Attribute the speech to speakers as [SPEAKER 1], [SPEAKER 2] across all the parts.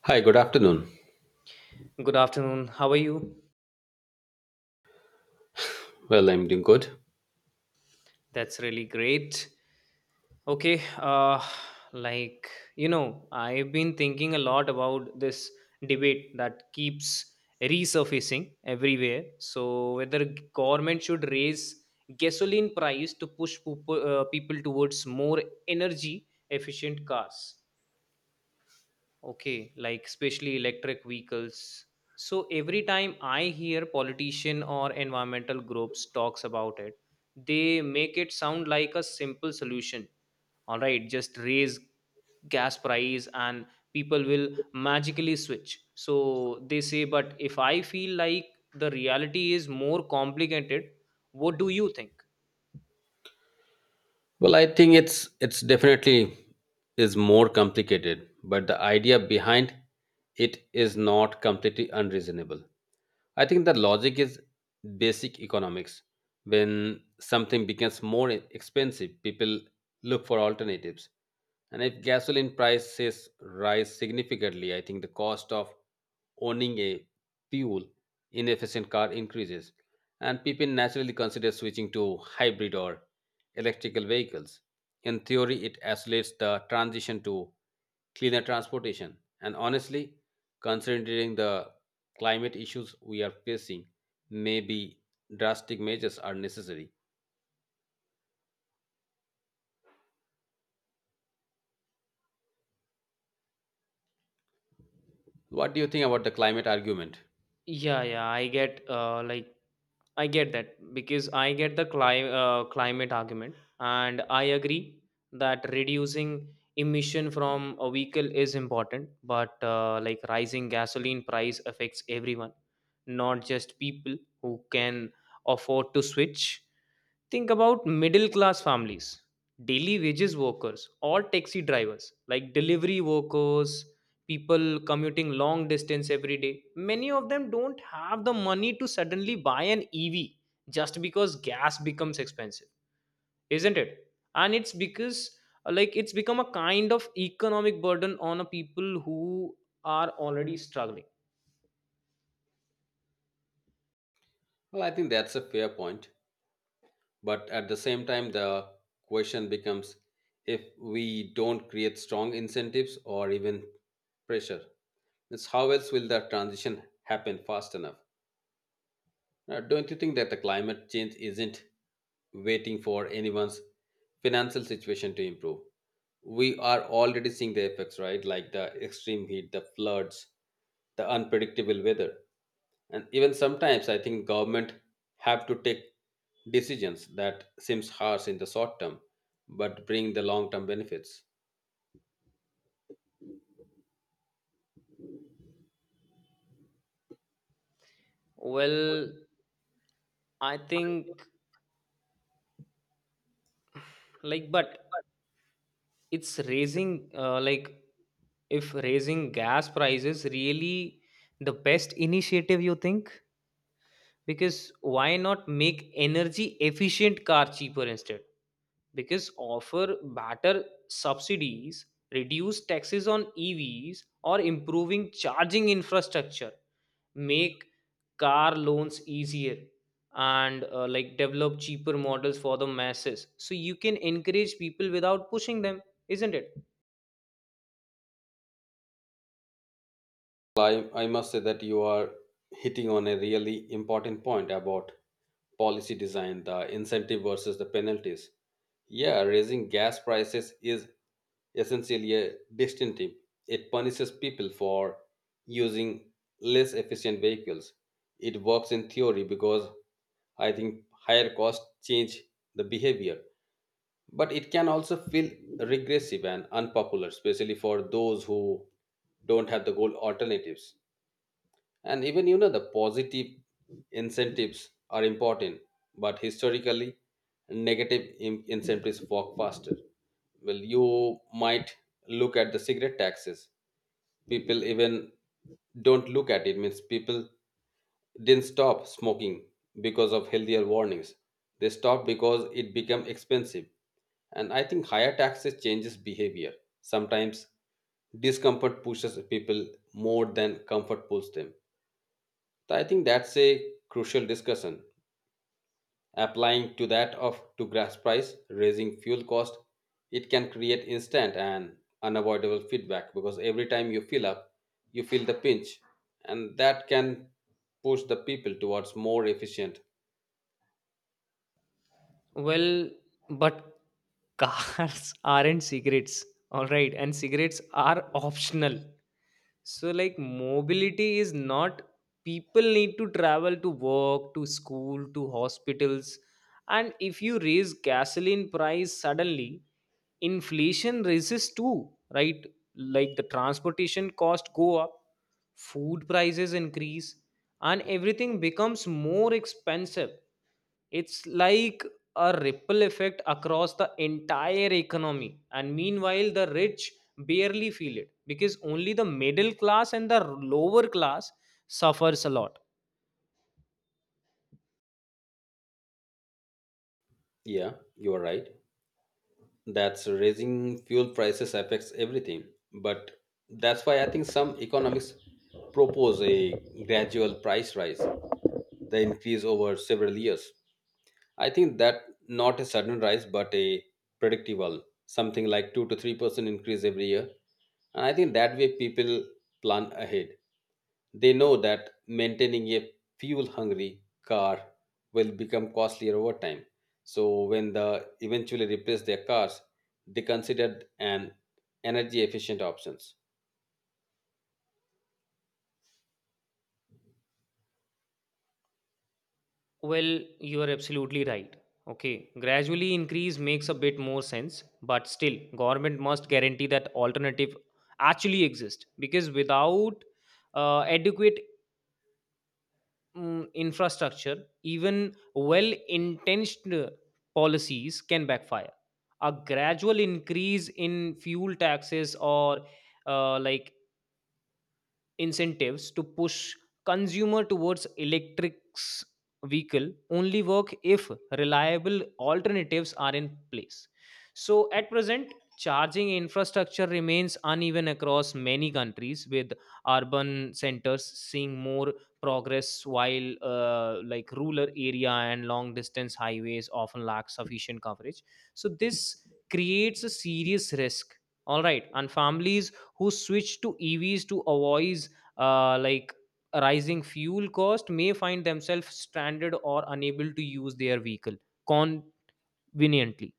[SPEAKER 1] Hi, good afternoon.
[SPEAKER 2] Good afternoon. How are you?
[SPEAKER 1] Well, I'm doing good.
[SPEAKER 2] That's really great. Okay, like I've been thinking a lot about this debate that keeps resurfacing everywhere. So whether government should raise gasoline price to push people towards more energy efficient cars. Okay, like especially electric vehicles. So every time I hear politician or environmental groups talks about it, they make it sound like a simple solution. All right, just raise gas price and people will magically switch. So they say, but if I feel like the reality is more complicated, what do you think?
[SPEAKER 1] Well, I think it's definitely is more complicated, but the idea behind it is not completely unreasonable. I think the logic is basic economics. When something becomes more expensive, people look for alternatives. And if gasoline prices rise significantly, I think the cost of owning a fuel inefficient car increases. And people naturally consider switching to hybrid or electrical vehicles. In theory, it accelerates the transition to cleaner transportation. And honestly, considering the climate issues we are facing, maybe drastic measures are necessary. What do you think about the climate argument?
[SPEAKER 2] Yeah, I get that because I get the climate argument, and I agree that reducing emission from a vehicle is important. But like rising gasoline price affects everyone, not just people who can afford to switch. Think about middle class families, daily wages workers, or taxi drivers, like delivery workers, people commuting long distance every day. Many of them don't have the money to suddenly buy an ev just because gas becomes expensive, isn't it? And it's because it's become a kind of economic burden on a people who are already struggling.
[SPEAKER 1] Well, I think that's a fair point. But at the same time, the question becomes if we don't create strong incentives or even pressure, it's how else will the transition happen fast enough? Now, don't you think that the climate change isn't waiting for anyone's financial situation to improve? We are already seeing the effects, right? Like the extreme heat, the floods, the unpredictable weather. And even sometimes I think government have to take decisions that seems harsh in the short term, but bring the long term benefits.
[SPEAKER 2] Well i think like but it's raising like if raising gas prices really the best initiative, you think? Because why not make energy efficient car cheaper instead? Because offer better subsidies, reduce taxes on evs or improving charging infrastructure, make car loans easier, and develop cheaper models for the masses, so you can encourage people without pushing them, isn't it?
[SPEAKER 1] Well, I must say that you are hitting on a really important point about policy design, the incentive versus the penalties. Yeah, raising gas prices is essentially a disincentive. It punishes people for using less efficient vehicles. It works in theory because I think higher costs change the behavior. But it can also feel regressive and unpopular, especially for those who don't have the good alternatives. And even you know the positive incentives are important, but historically negative incentives work faster. Well, you might look at the cigarette taxes. People even don't look at it means people didn't stop smoking because of healthier warnings. They stopped because it became expensive. And I think higher taxes changes behavior. Sometimes discomfort pushes people more than comfort pulls them. So, I think that's a crucial discussion. Applying to that of to gas price, raising fuel cost, it can create instant and unavoidable feedback because every time you fill up, you feel the pinch, and that can push the people towards more efficient.
[SPEAKER 2] Well, but cars aren't cigarettes, all right? And cigarettes are optional. So, like, mobility is not. People need to travel to work, to school, to hospitals. And if you raise gasoline price suddenly, inflation raises too, right? Like the transportation cost go up, food prices increase, and everything becomes more expensive. It's like a ripple effect across the entire economy, and meanwhile the rich barely feel it because only the middle class and the lower class suffers a lot.
[SPEAKER 1] Yeah, you are right. That's raising fuel prices affects everything, but that's why I think some economists propose a gradual price rise, the increase over several years. I think that not a sudden rise, but a predictable, something like 2 to 3% increase every year. And I think that way people plan ahead. They know that maintaining a fuel hungry car will become costlier over time. So when they eventually replace their cars, they considered an energy efficient options.
[SPEAKER 2] Well, you are absolutely right. Okay, gradually increase makes a bit more sense, but still government must guarantee that alternative actually exist, because without adequate infrastructure, even well intentioned policies can backfire. A gradual increase in fuel taxes or uh, like incentives to push consumer towards electrics vehicle only work if reliable alternatives are in place. So at present, charging infrastructure remains uneven across many countries, with urban centers seeing more progress, while rural area and long distance highways often lack sufficient coverage. So this creates a serious risk, all right? And families who switch to evs to avoid uh, like rising fuel cost may find themselves stranded or unable to use their vehicle conveniently.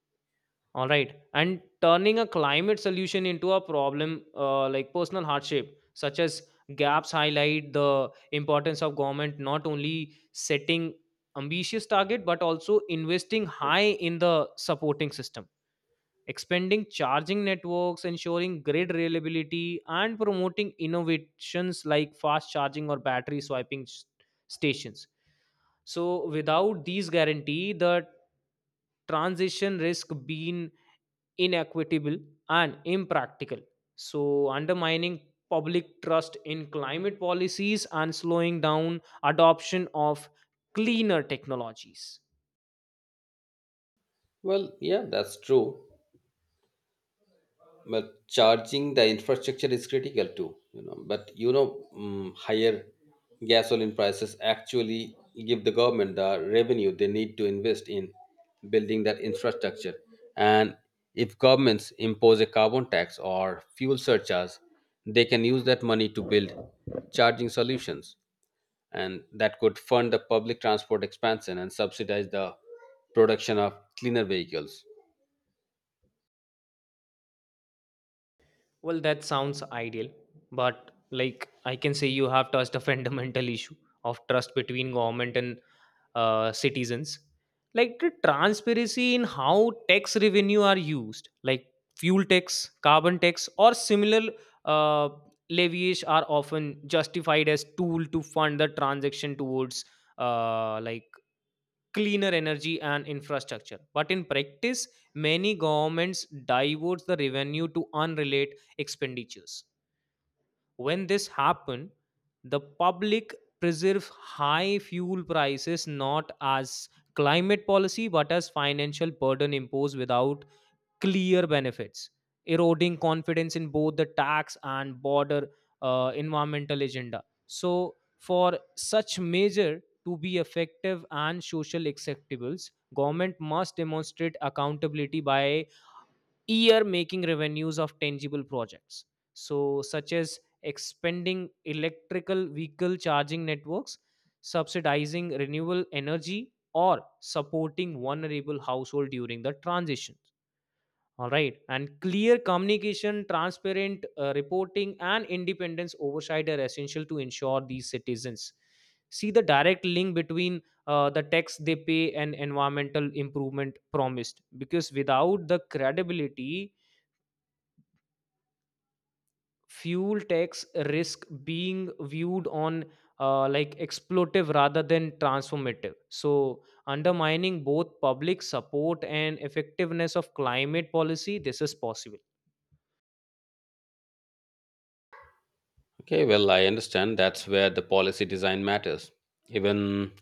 [SPEAKER 2] All right, and turning a climate solution into a problem, personal hardship such as gaps, highlight the importance of government not only setting ambitious target, but also investing high in the supporting system, expanding charging networks, ensuring grid reliability, and promoting innovations like fast charging or battery swapping stations. So, without these guarantee, the transition risk being inequitable and impractical, so undermining public trust in climate policies and slowing down adoption of cleaner technologies.
[SPEAKER 1] Well, yeah, that's true, but charging the infrastructure is critical too, you know. But you know, higher gasoline prices actually give the government the revenue they need to invest in building that infrastructure. And if governments impose a carbon tax or fuel surcharge, they can use that money to build charging solutions, and that could fund the public transport expansion and subsidize the production of cleaner vehicles.
[SPEAKER 2] Well, that sounds ideal, but like I can say, you have touched a fundamental issue of trust between government and citizens. Like the transparency in how tax revenue are used, like fuel tax, carbon tax, or similar uh, levies are often justified as tool to fund the transaction towards uh, like cleaner energy and infrastructure. But in practice, many governments divert the revenue to unrelated expenditures. When this happens, the public preserve high fuel prices not as climate policy but as financial burden imposed without clear benefits, eroding confidence in both the tax and border environmental agenda. So, for such measure to be effective and social acceptable, government must demonstrate accountability by year making revenues of tangible projects, so such as expanding electrical vehicle charging networks, subsidizing renewable energy, or supporting vulnerable household during the transition, all right. And clear communication, transparent reporting, and independence oversight are essential to ensure these citizens see the direct link between the tax they pay and environmental improvement promised. Because without the credibility, fuel tax risk being viewed on exploitative rather than transformative, so undermining both public support and effectiveness of climate policy. This is possible.
[SPEAKER 1] Okay, well, I understand that's where the policy design matters. Even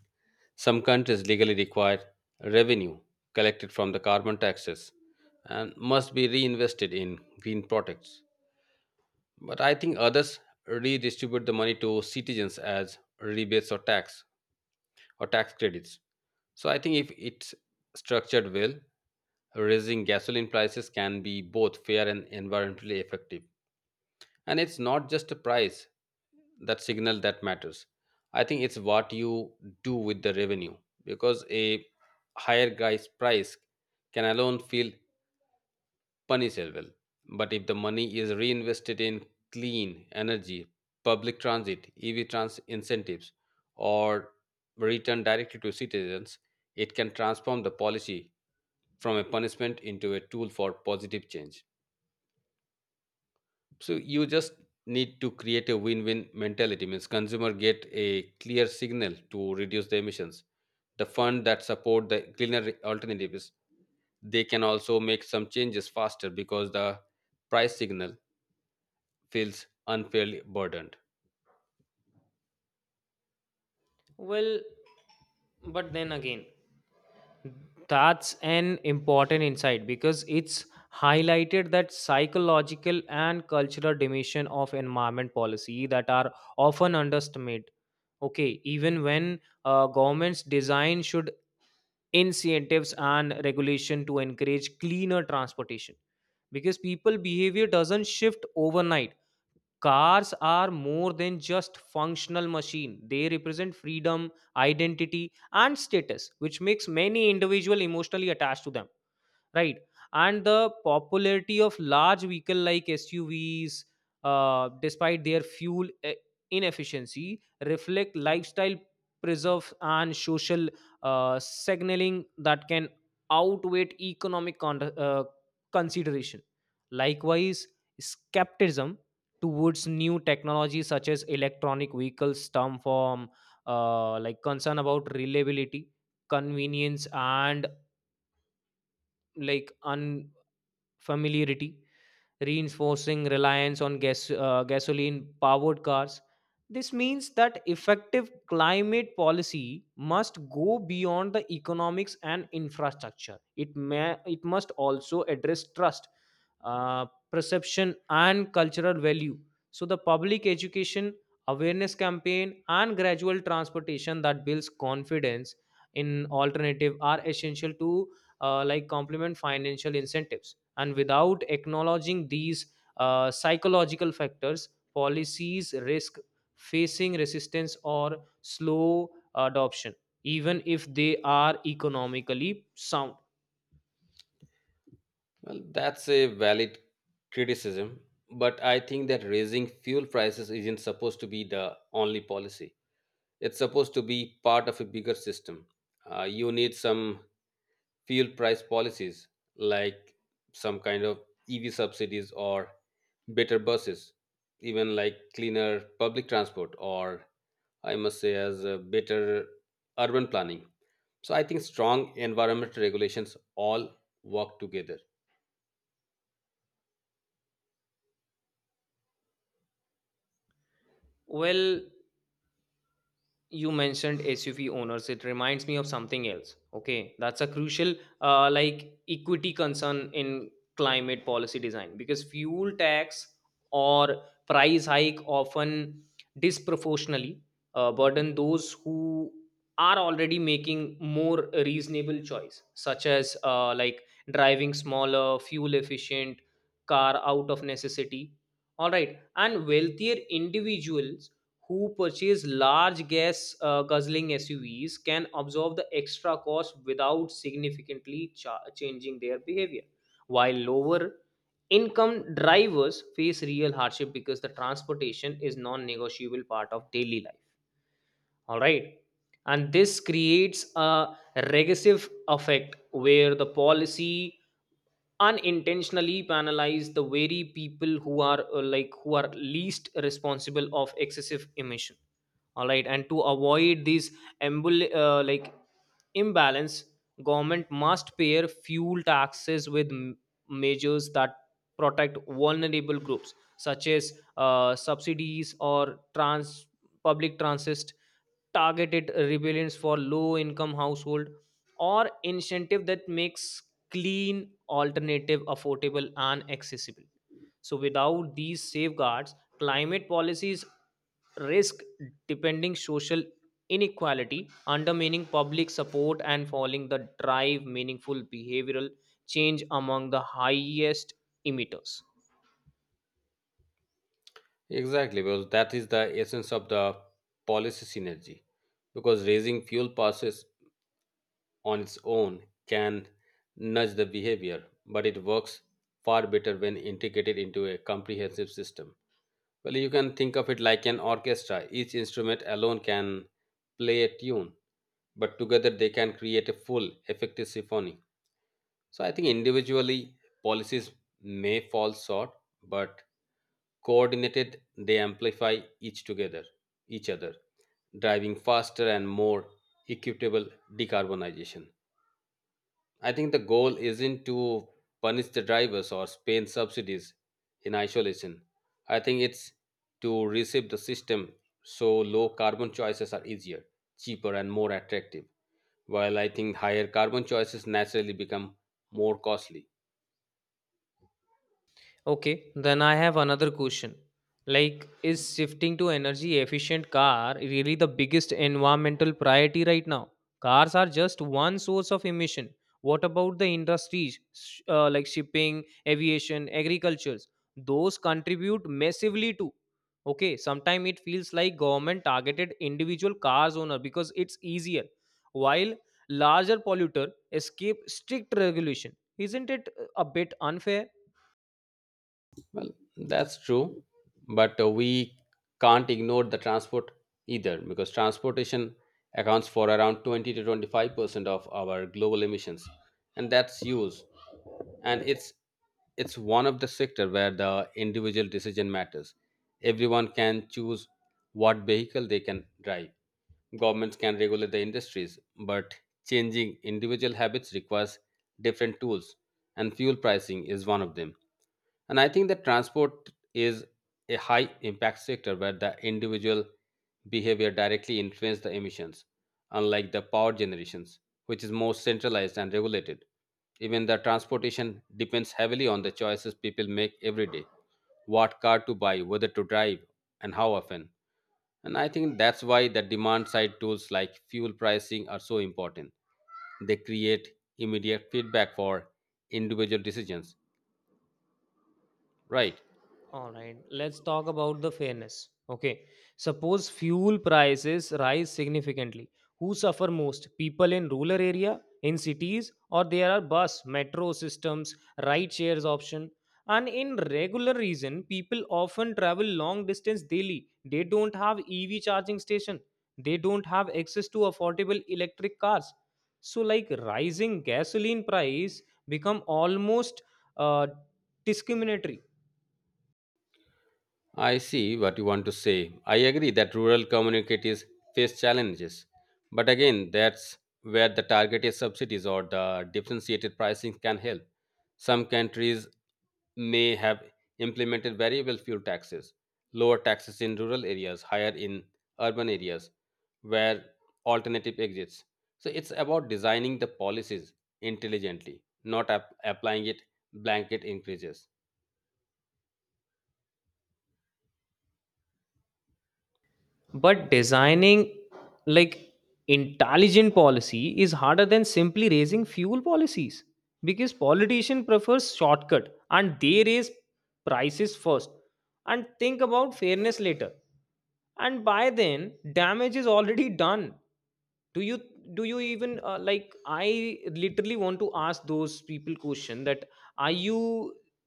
[SPEAKER 1] some countries legally require revenue collected from the carbon taxes and must be reinvested in green products. But I think others redistribute the money to citizens as rebates or tax credits. So I think if it's structured well, raising gasoline prices can be both fair and environmentally effective, and it's not just a price that signal that matters. I think it's what you do with the revenue, because a higher guy's price can alone feel punishable, but if the money is reinvested in clean energy, public transit, ev trans incentives, or returned directly to citizens, it can transform the policy from a punishment into a tool for positive change. So you just need to create a win-win mentality means consumer get a clear signal to reduce the emissions, the fund that support the cleaner alternatives. They can also make some changes faster because the price signal feels unfairly burdened.
[SPEAKER 2] Well, but then again, that's an important insight because it's highlighted that psychological and cultural dimension of environment policy that are often underestimated. Okay, even when governments design should incentives and regulation to encourage cleaner transportation, because people behavior doesn't shift overnight. Cars are more than just functional machine. They represent freedom, identity and status, which makes many individual emotionally attached to them, right? And the popularity of large vehicle like suvs, despite their inefficiency, reflect lifestyle preserve and social signaling that can outweigh economic uh, consideration. Likewise, skepticism towards new technology such as electronic vehicles stem from concern about reliability, convenience, and un familiarity, reinforcing reliance on gasoline powered cars. This means that effective climate policy must go beyond the economics and infrastructure. It must also address trust, uh, perception, and cultural value. So, the public education, awareness campaign, and gradual transportation that builds confidence in alternative are essential to complement financial incentives, and without acknowledging these psychological factors, policies risk facing resistance or slow adoption, even if they are economically sound.
[SPEAKER 1] Well, that's a valid criticism, but I think that raising fuel prices isn't supposed to be the only policy. It's supposed to be part of a bigger system. You need some fuel price policies like some kind of EV subsidies or better buses, even like cleaner public transport, or I must say, as a better urban planning. So I think strong environmental regulations all work together.
[SPEAKER 2] Well, you mentioned suv owners, it reminds me of something else. Okay, that's a crucial equity concern in climate policy design, because fuel tax or price hike often disproportionately burden those who are already making more reasonable choice, such as driving smaller fuel efficient car out of necessity. All right, and wealthier individuals who purchase large gas guzzling SUVs can absorb the extra cost without significantly changing their behavior, while lower income drivers face real hardship because the transportation is non-negotiable part of daily life. All right, and this creates a regressive effect where the policy unintentionally penalize the very people who are least responsible of excessive emission, all right? And to avoid these embol- uh, like imbalance, government must pair fuel taxes with measures that protect vulnerable groups, such as subsidies or trans public transit, targeted rebellions for low income household, or incentive that makes clean alternative affordable and accessible. So without these safeguards, climate policies risk depending social inequality, undermining public support and falling the drive meaningful behavioral change among the highest emitters.
[SPEAKER 1] Exactly, because that is the essence of the policy synergy, because raising fuel prices on its own can nudge the behavior, but it works far better when integrated into a comprehensive system. Well, you can think of it like an orchestra. Each instrument alone can play a tune, but together they can create a full, effective symphony. So I think individually policies may fall short, but coordinated they amplify each other, driving faster and more equitable decarbonization. I think the goal isn't to punish the drivers or spend subsidies in isolation. I think it's to reshape the system so low carbon choices are easier, cheaper, and more attractive, while I think higher carbon choices naturally become more costly.
[SPEAKER 2] Okay, then I have another question. Like, is shifting to energy efficient car really the biggest environmental priority right now? Cars are just one source of emission. What about the industries, shipping, aviation, agricultures? Those contribute massively too. Okay, sometimes it feels like government targeted individual cars owner because it's easier, while larger polluter escape strict regulation. Isn't it a bit unfair?
[SPEAKER 1] Well, that's true, but we can't ignore the transport either, because transportation accounts for around 20 to 25% of our global emissions, and that's huge. And it's one of the sector where the individual decision matters. Everyone can choose what vehicle they can drive. Governments can regulate the industries, but changing individual habits requires different tools, and fuel pricing is one of them. And I think that transport is a high impact sector where the individual behavior directly influences the emissions, unlike the power generations, which is more centralized and regulated. Even the transportation depends heavily on the choices people make every day, what car to buy, whether to drive, and how often. And I think that's why the demand side tools like fuel pricing are so important. They create immediate feedback for individual decisions, right?
[SPEAKER 2] All right, let's talk about the fairness. Okay, suppose fuel prices rise significantly. Who suffer most? People in rural area, in cities, or there are bus, metro systems, ride shares option. And in regular region, people often travel long distance daily. They don't have EV charging station. They don't have access to affordable electric cars. So, like rising gasoline price become almost uh, discriminatory.
[SPEAKER 1] I see what you want to say. I agree that rural communities face challenges. But again, that's where the targeted subsidies or the differentiated pricing can help. Some countries may have implemented variable fuel taxes, lower taxes in rural areas, higher in urban areas, where alternative exits. So it's about designing the policies intelligently, not applying it blanket increases.
[SPEAKER 2] But designing like intelligent policy is harder than simply raising fuel policies, because politician prefers shortcut and they raise prices first and think about fairness later, and by then damage is already done. Do you do you even I literally want to ask those people question that, are you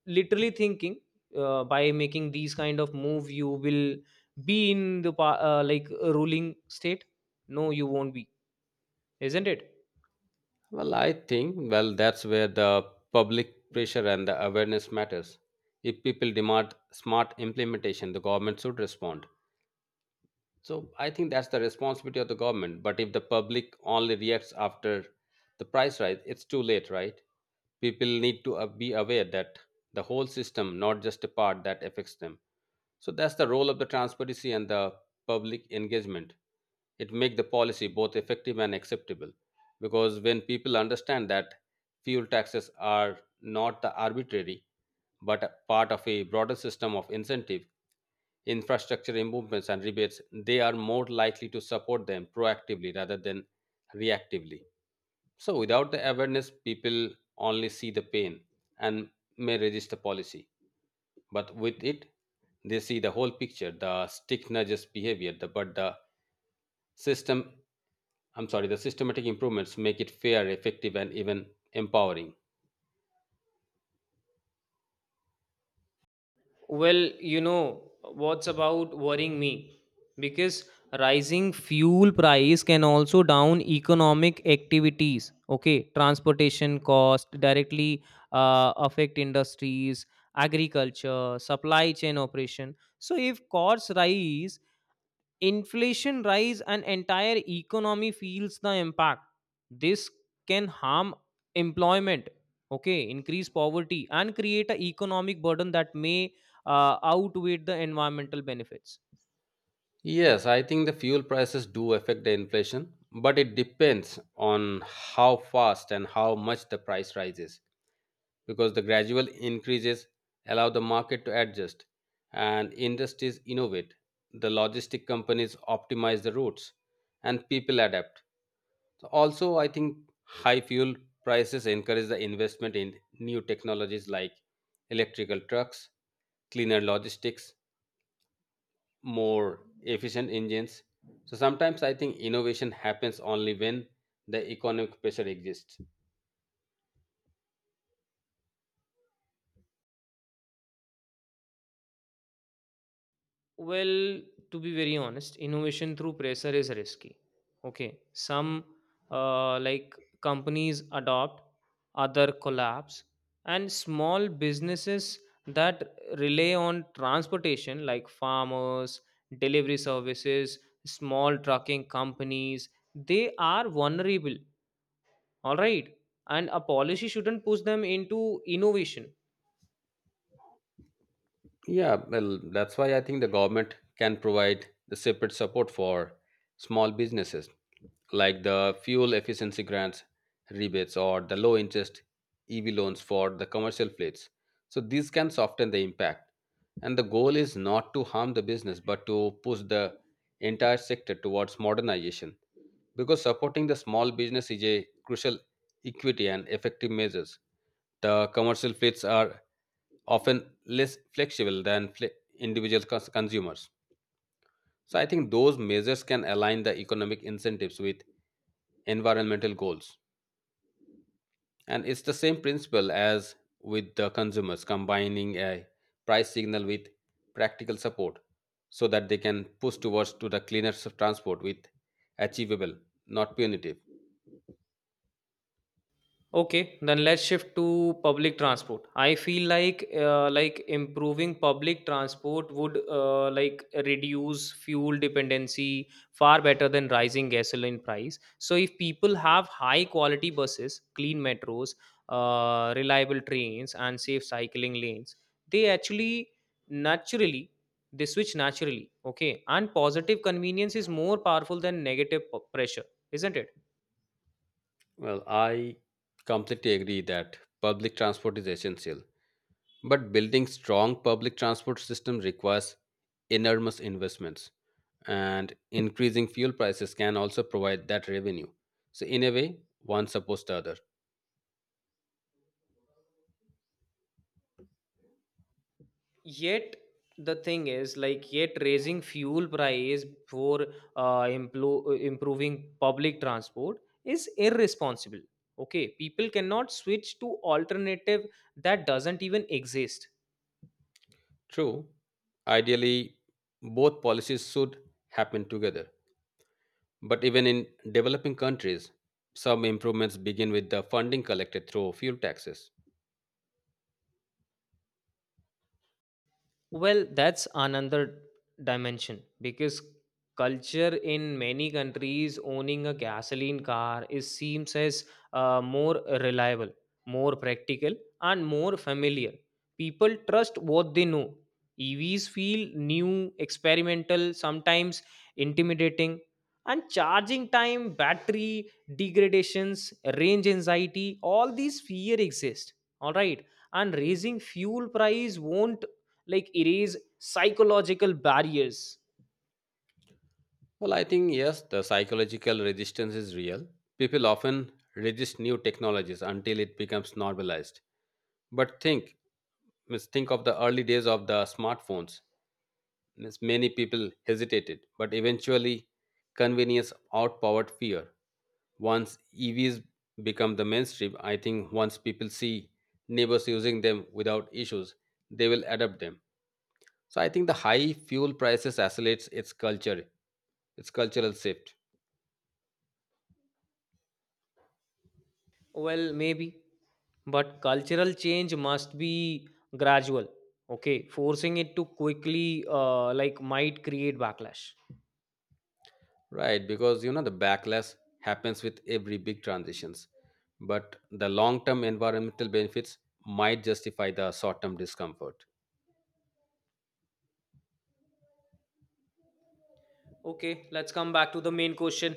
[SPEAKER 2] literally thinking by making these kind of move you will be in the a ruling state? No, you won't be, isn't it?
[SPEAKER 1] Well, I think, well, that's where the public pressure and the awareness matters. If people demand smart implementation, the government should respond. So I think that's the responsibility of the government. But if the public only reacts after the price rise, it's too late, right? People need to be aware that the whole system, not just a part that affects them. So that's the role of the transparency and the public engagement. It make the policy both effective and acceptable, because when people understand that fuel taxes are not the arbitrary but a part of a broader system of incentive, infrastructure improvements and rebates, they are more likely to support them proactively rather than reactively. So without the awareness, people only see the pain and may resist the policy, but with it, they see the whole picture, the stick nudges behavior, the, but the system I'm sorry, the systematic improvements make it fair, effective, and even empowering.
[SPEAKER 2] Well, you know what's about worrying me, because rising fuel price can also down economic activities. Okay, transportation cost directly affect industries, agriculture supply chain operation. So if costs rise, inflation rise, and entire economy feels the impact. This can harm employment, okay, increase poverty and create an economic burden that may outweigh the environmental benefits.
[SPEAKER 1] Yes, I think the fuel prices do affect the inflation, but it depends on how fast and how much the price rises, because the gradual increases allow the market to adjust and industries innovate. The logistic companies optimize the routes and people adapt. So also, I think high fuel prices encourage the investment in new technologies like electrical trucks, cleaner logistics, more efficient engines. So sometimes I think innovation happens only when the economic pressure exists.
[SPEAKER 2] Well, to be very honest, innovation through pressure is risky. Okay, some uh, like companies adopt, other collapse, and small businesses that rely on transportation, like farmers, delivery services, small trucking companies, they are vulnerable. All right, and a policy shouldn't push them into innovation.
[SPEAKER 1] Yeah, well, that's why I think the government can provide the separate support for small businesses, like the fuel efficiency grants, rebates, or the low interest EV loans for the commercial fleets. So these can soften the impact. And the goal is not to harm the business, but to push the entire sector towards modernization, because supporting the small business is a crucial equity and effective measures. The commercial fleets are often less flexible than individual consumers. So I think those measures can align the economic incentives with environmental goals. And it's the same principle as with the consumers, combining a price signal with practical support so that they can push towards to the cleaner transport with achievable, not punitive.
[SPEAKER 2] Okay, then let's shift to public transport. I feel like improving public transport would reduce fuel dependency far better than rising gasoline price. So if people have high quality buses, clean metros, reliable trains, and safe cycling lanes, they actually naturally, they switch naturally. Okay, and positive convenience is more powerful than negative pressure, isn't it?
[SPEAKER 1] Well, I completely agree that public transport is essential, but building strong public transport system requires enormous investments, and increasing fuel prices can also provide that revenue. So, in a way, one supports the other.
[SPEAKER 2] Yet the thing is like, yet raising fuel price for improving public transport is irresponsible. Okay, people cannot switch to alternative that doesn't even exist.
[SPEAKER 1] True, ideally, both policies should happen together. But even in developing countries, some improvements begin with the funding collected through fuel taxes.
[SPEAKER 2] Well, that's another dimension, because culture in many countries, owning a gasoline car is seems as more reliable, more practical, and more familiar. People trust what they know. EVs feel new, experimental, sometimes intimidating, and charging time, battery degradations, range anxiety, all these fear exist. All right, and raising fuel price won't erase psychological barriers.
[SPEAKER 1] Well, I think yes, the psychological resistance is real. People often resist new technologies until it becomes normalized. But think of the early days of the smartphones. Means many people hesitated, but eventually convenience outpowered fear. Once EVs become the mainstream, I think once people see neighbors using them without issues, they will adopt them. So I think the high fuel prices accelerates its culture, its cultural shift.
[SPEAKER 2] Well, maybe, but cultural change must be gradual. Okay, forcing it to quickly might create backlash.
[SPEAKER 1] Right, because you know the backlash happens with every big transitions, but the long-term environmental benefits might justify the short-term discomfort.
[SPEAKER 2] Okay, let's come back to the main question.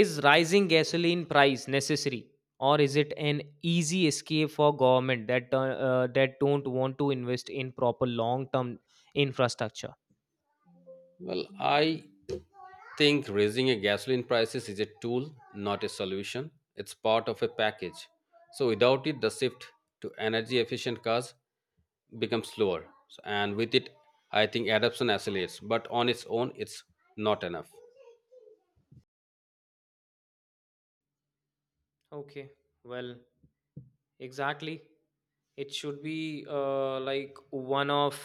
[SPEAKER 2] Is rising gasoline price necessary, or is it an easy escape for government that that don't want to invest in proper long term infrastructure?
[SPEAKER 1] Well, I think raising a gasoline prices is a tool, not a solution. It's part of a package. So without it, the shift to energy-efficient cars becomes slower, and with it, I think adoption accelerates. But on its own, it's not enough.
[SPEAKER 2] Okay, well, exactly. It should be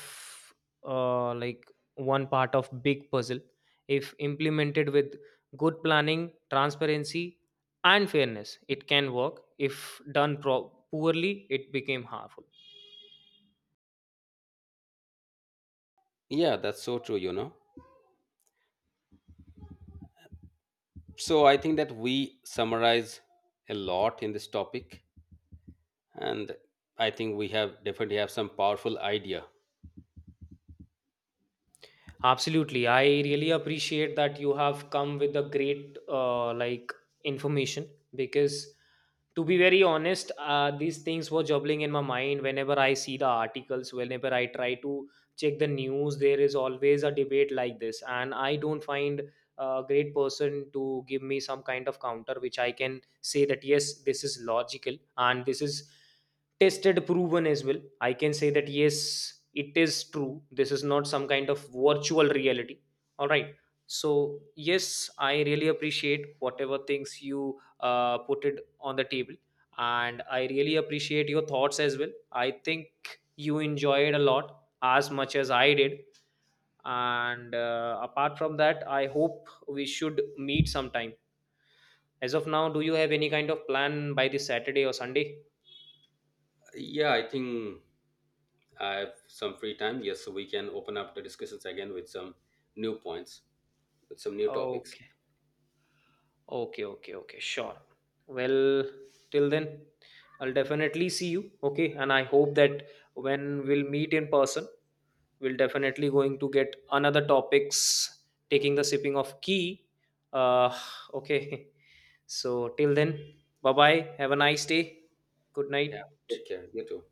[SPEAKER 2] uh, like one part of big puzzle. If implemented with good planning, transparency and fairness, it can work. If done poorly, it became harmful.
[SPEAKER 1] Yeah, that's so true, you know. So I think that we summarize a lot in this topic, and I think we have definitely have some powerful idea.
[SPEAKER 2] Absolutely. I really appreciate that you have come with a great information, because to be very honest, these things were juggling in my mind whenever I see the articles, whenever I try to check the news, there is always a debate like this. And I don't find a great person to give me some kind of counter which I can say that yes, this is logical and this is tested proven as well. I can say that yes, it is true, this is not some kind of virtual reality, all right? So yes, I really appreciate whatever things you put it on the table, and I really appreciate your thoughts as well. I think you enjoyed a lot as much as I did. And apart from that, I hope we should meet sometime. As of now, do you have any kind of plan by this Saturday or Sunday?
[SPEAKER 1] Yeah, I think I have some free time. Yes, so we can open up the discussions again with some new points, with some new topics.
[SPEAKER 2] Okay. Okay, sure. Well, till then, I'll definitely see you. Okay, and I hope that when we'll meet in person, we'll definitely going to get another topics taking the sipping of key. Uh, okay. So till then, bye bye. Have a nice day. Good
[SPEAKER 1] Yeah,
[SPEAKER 2] night.
[SPEAKER 1] take care. You too.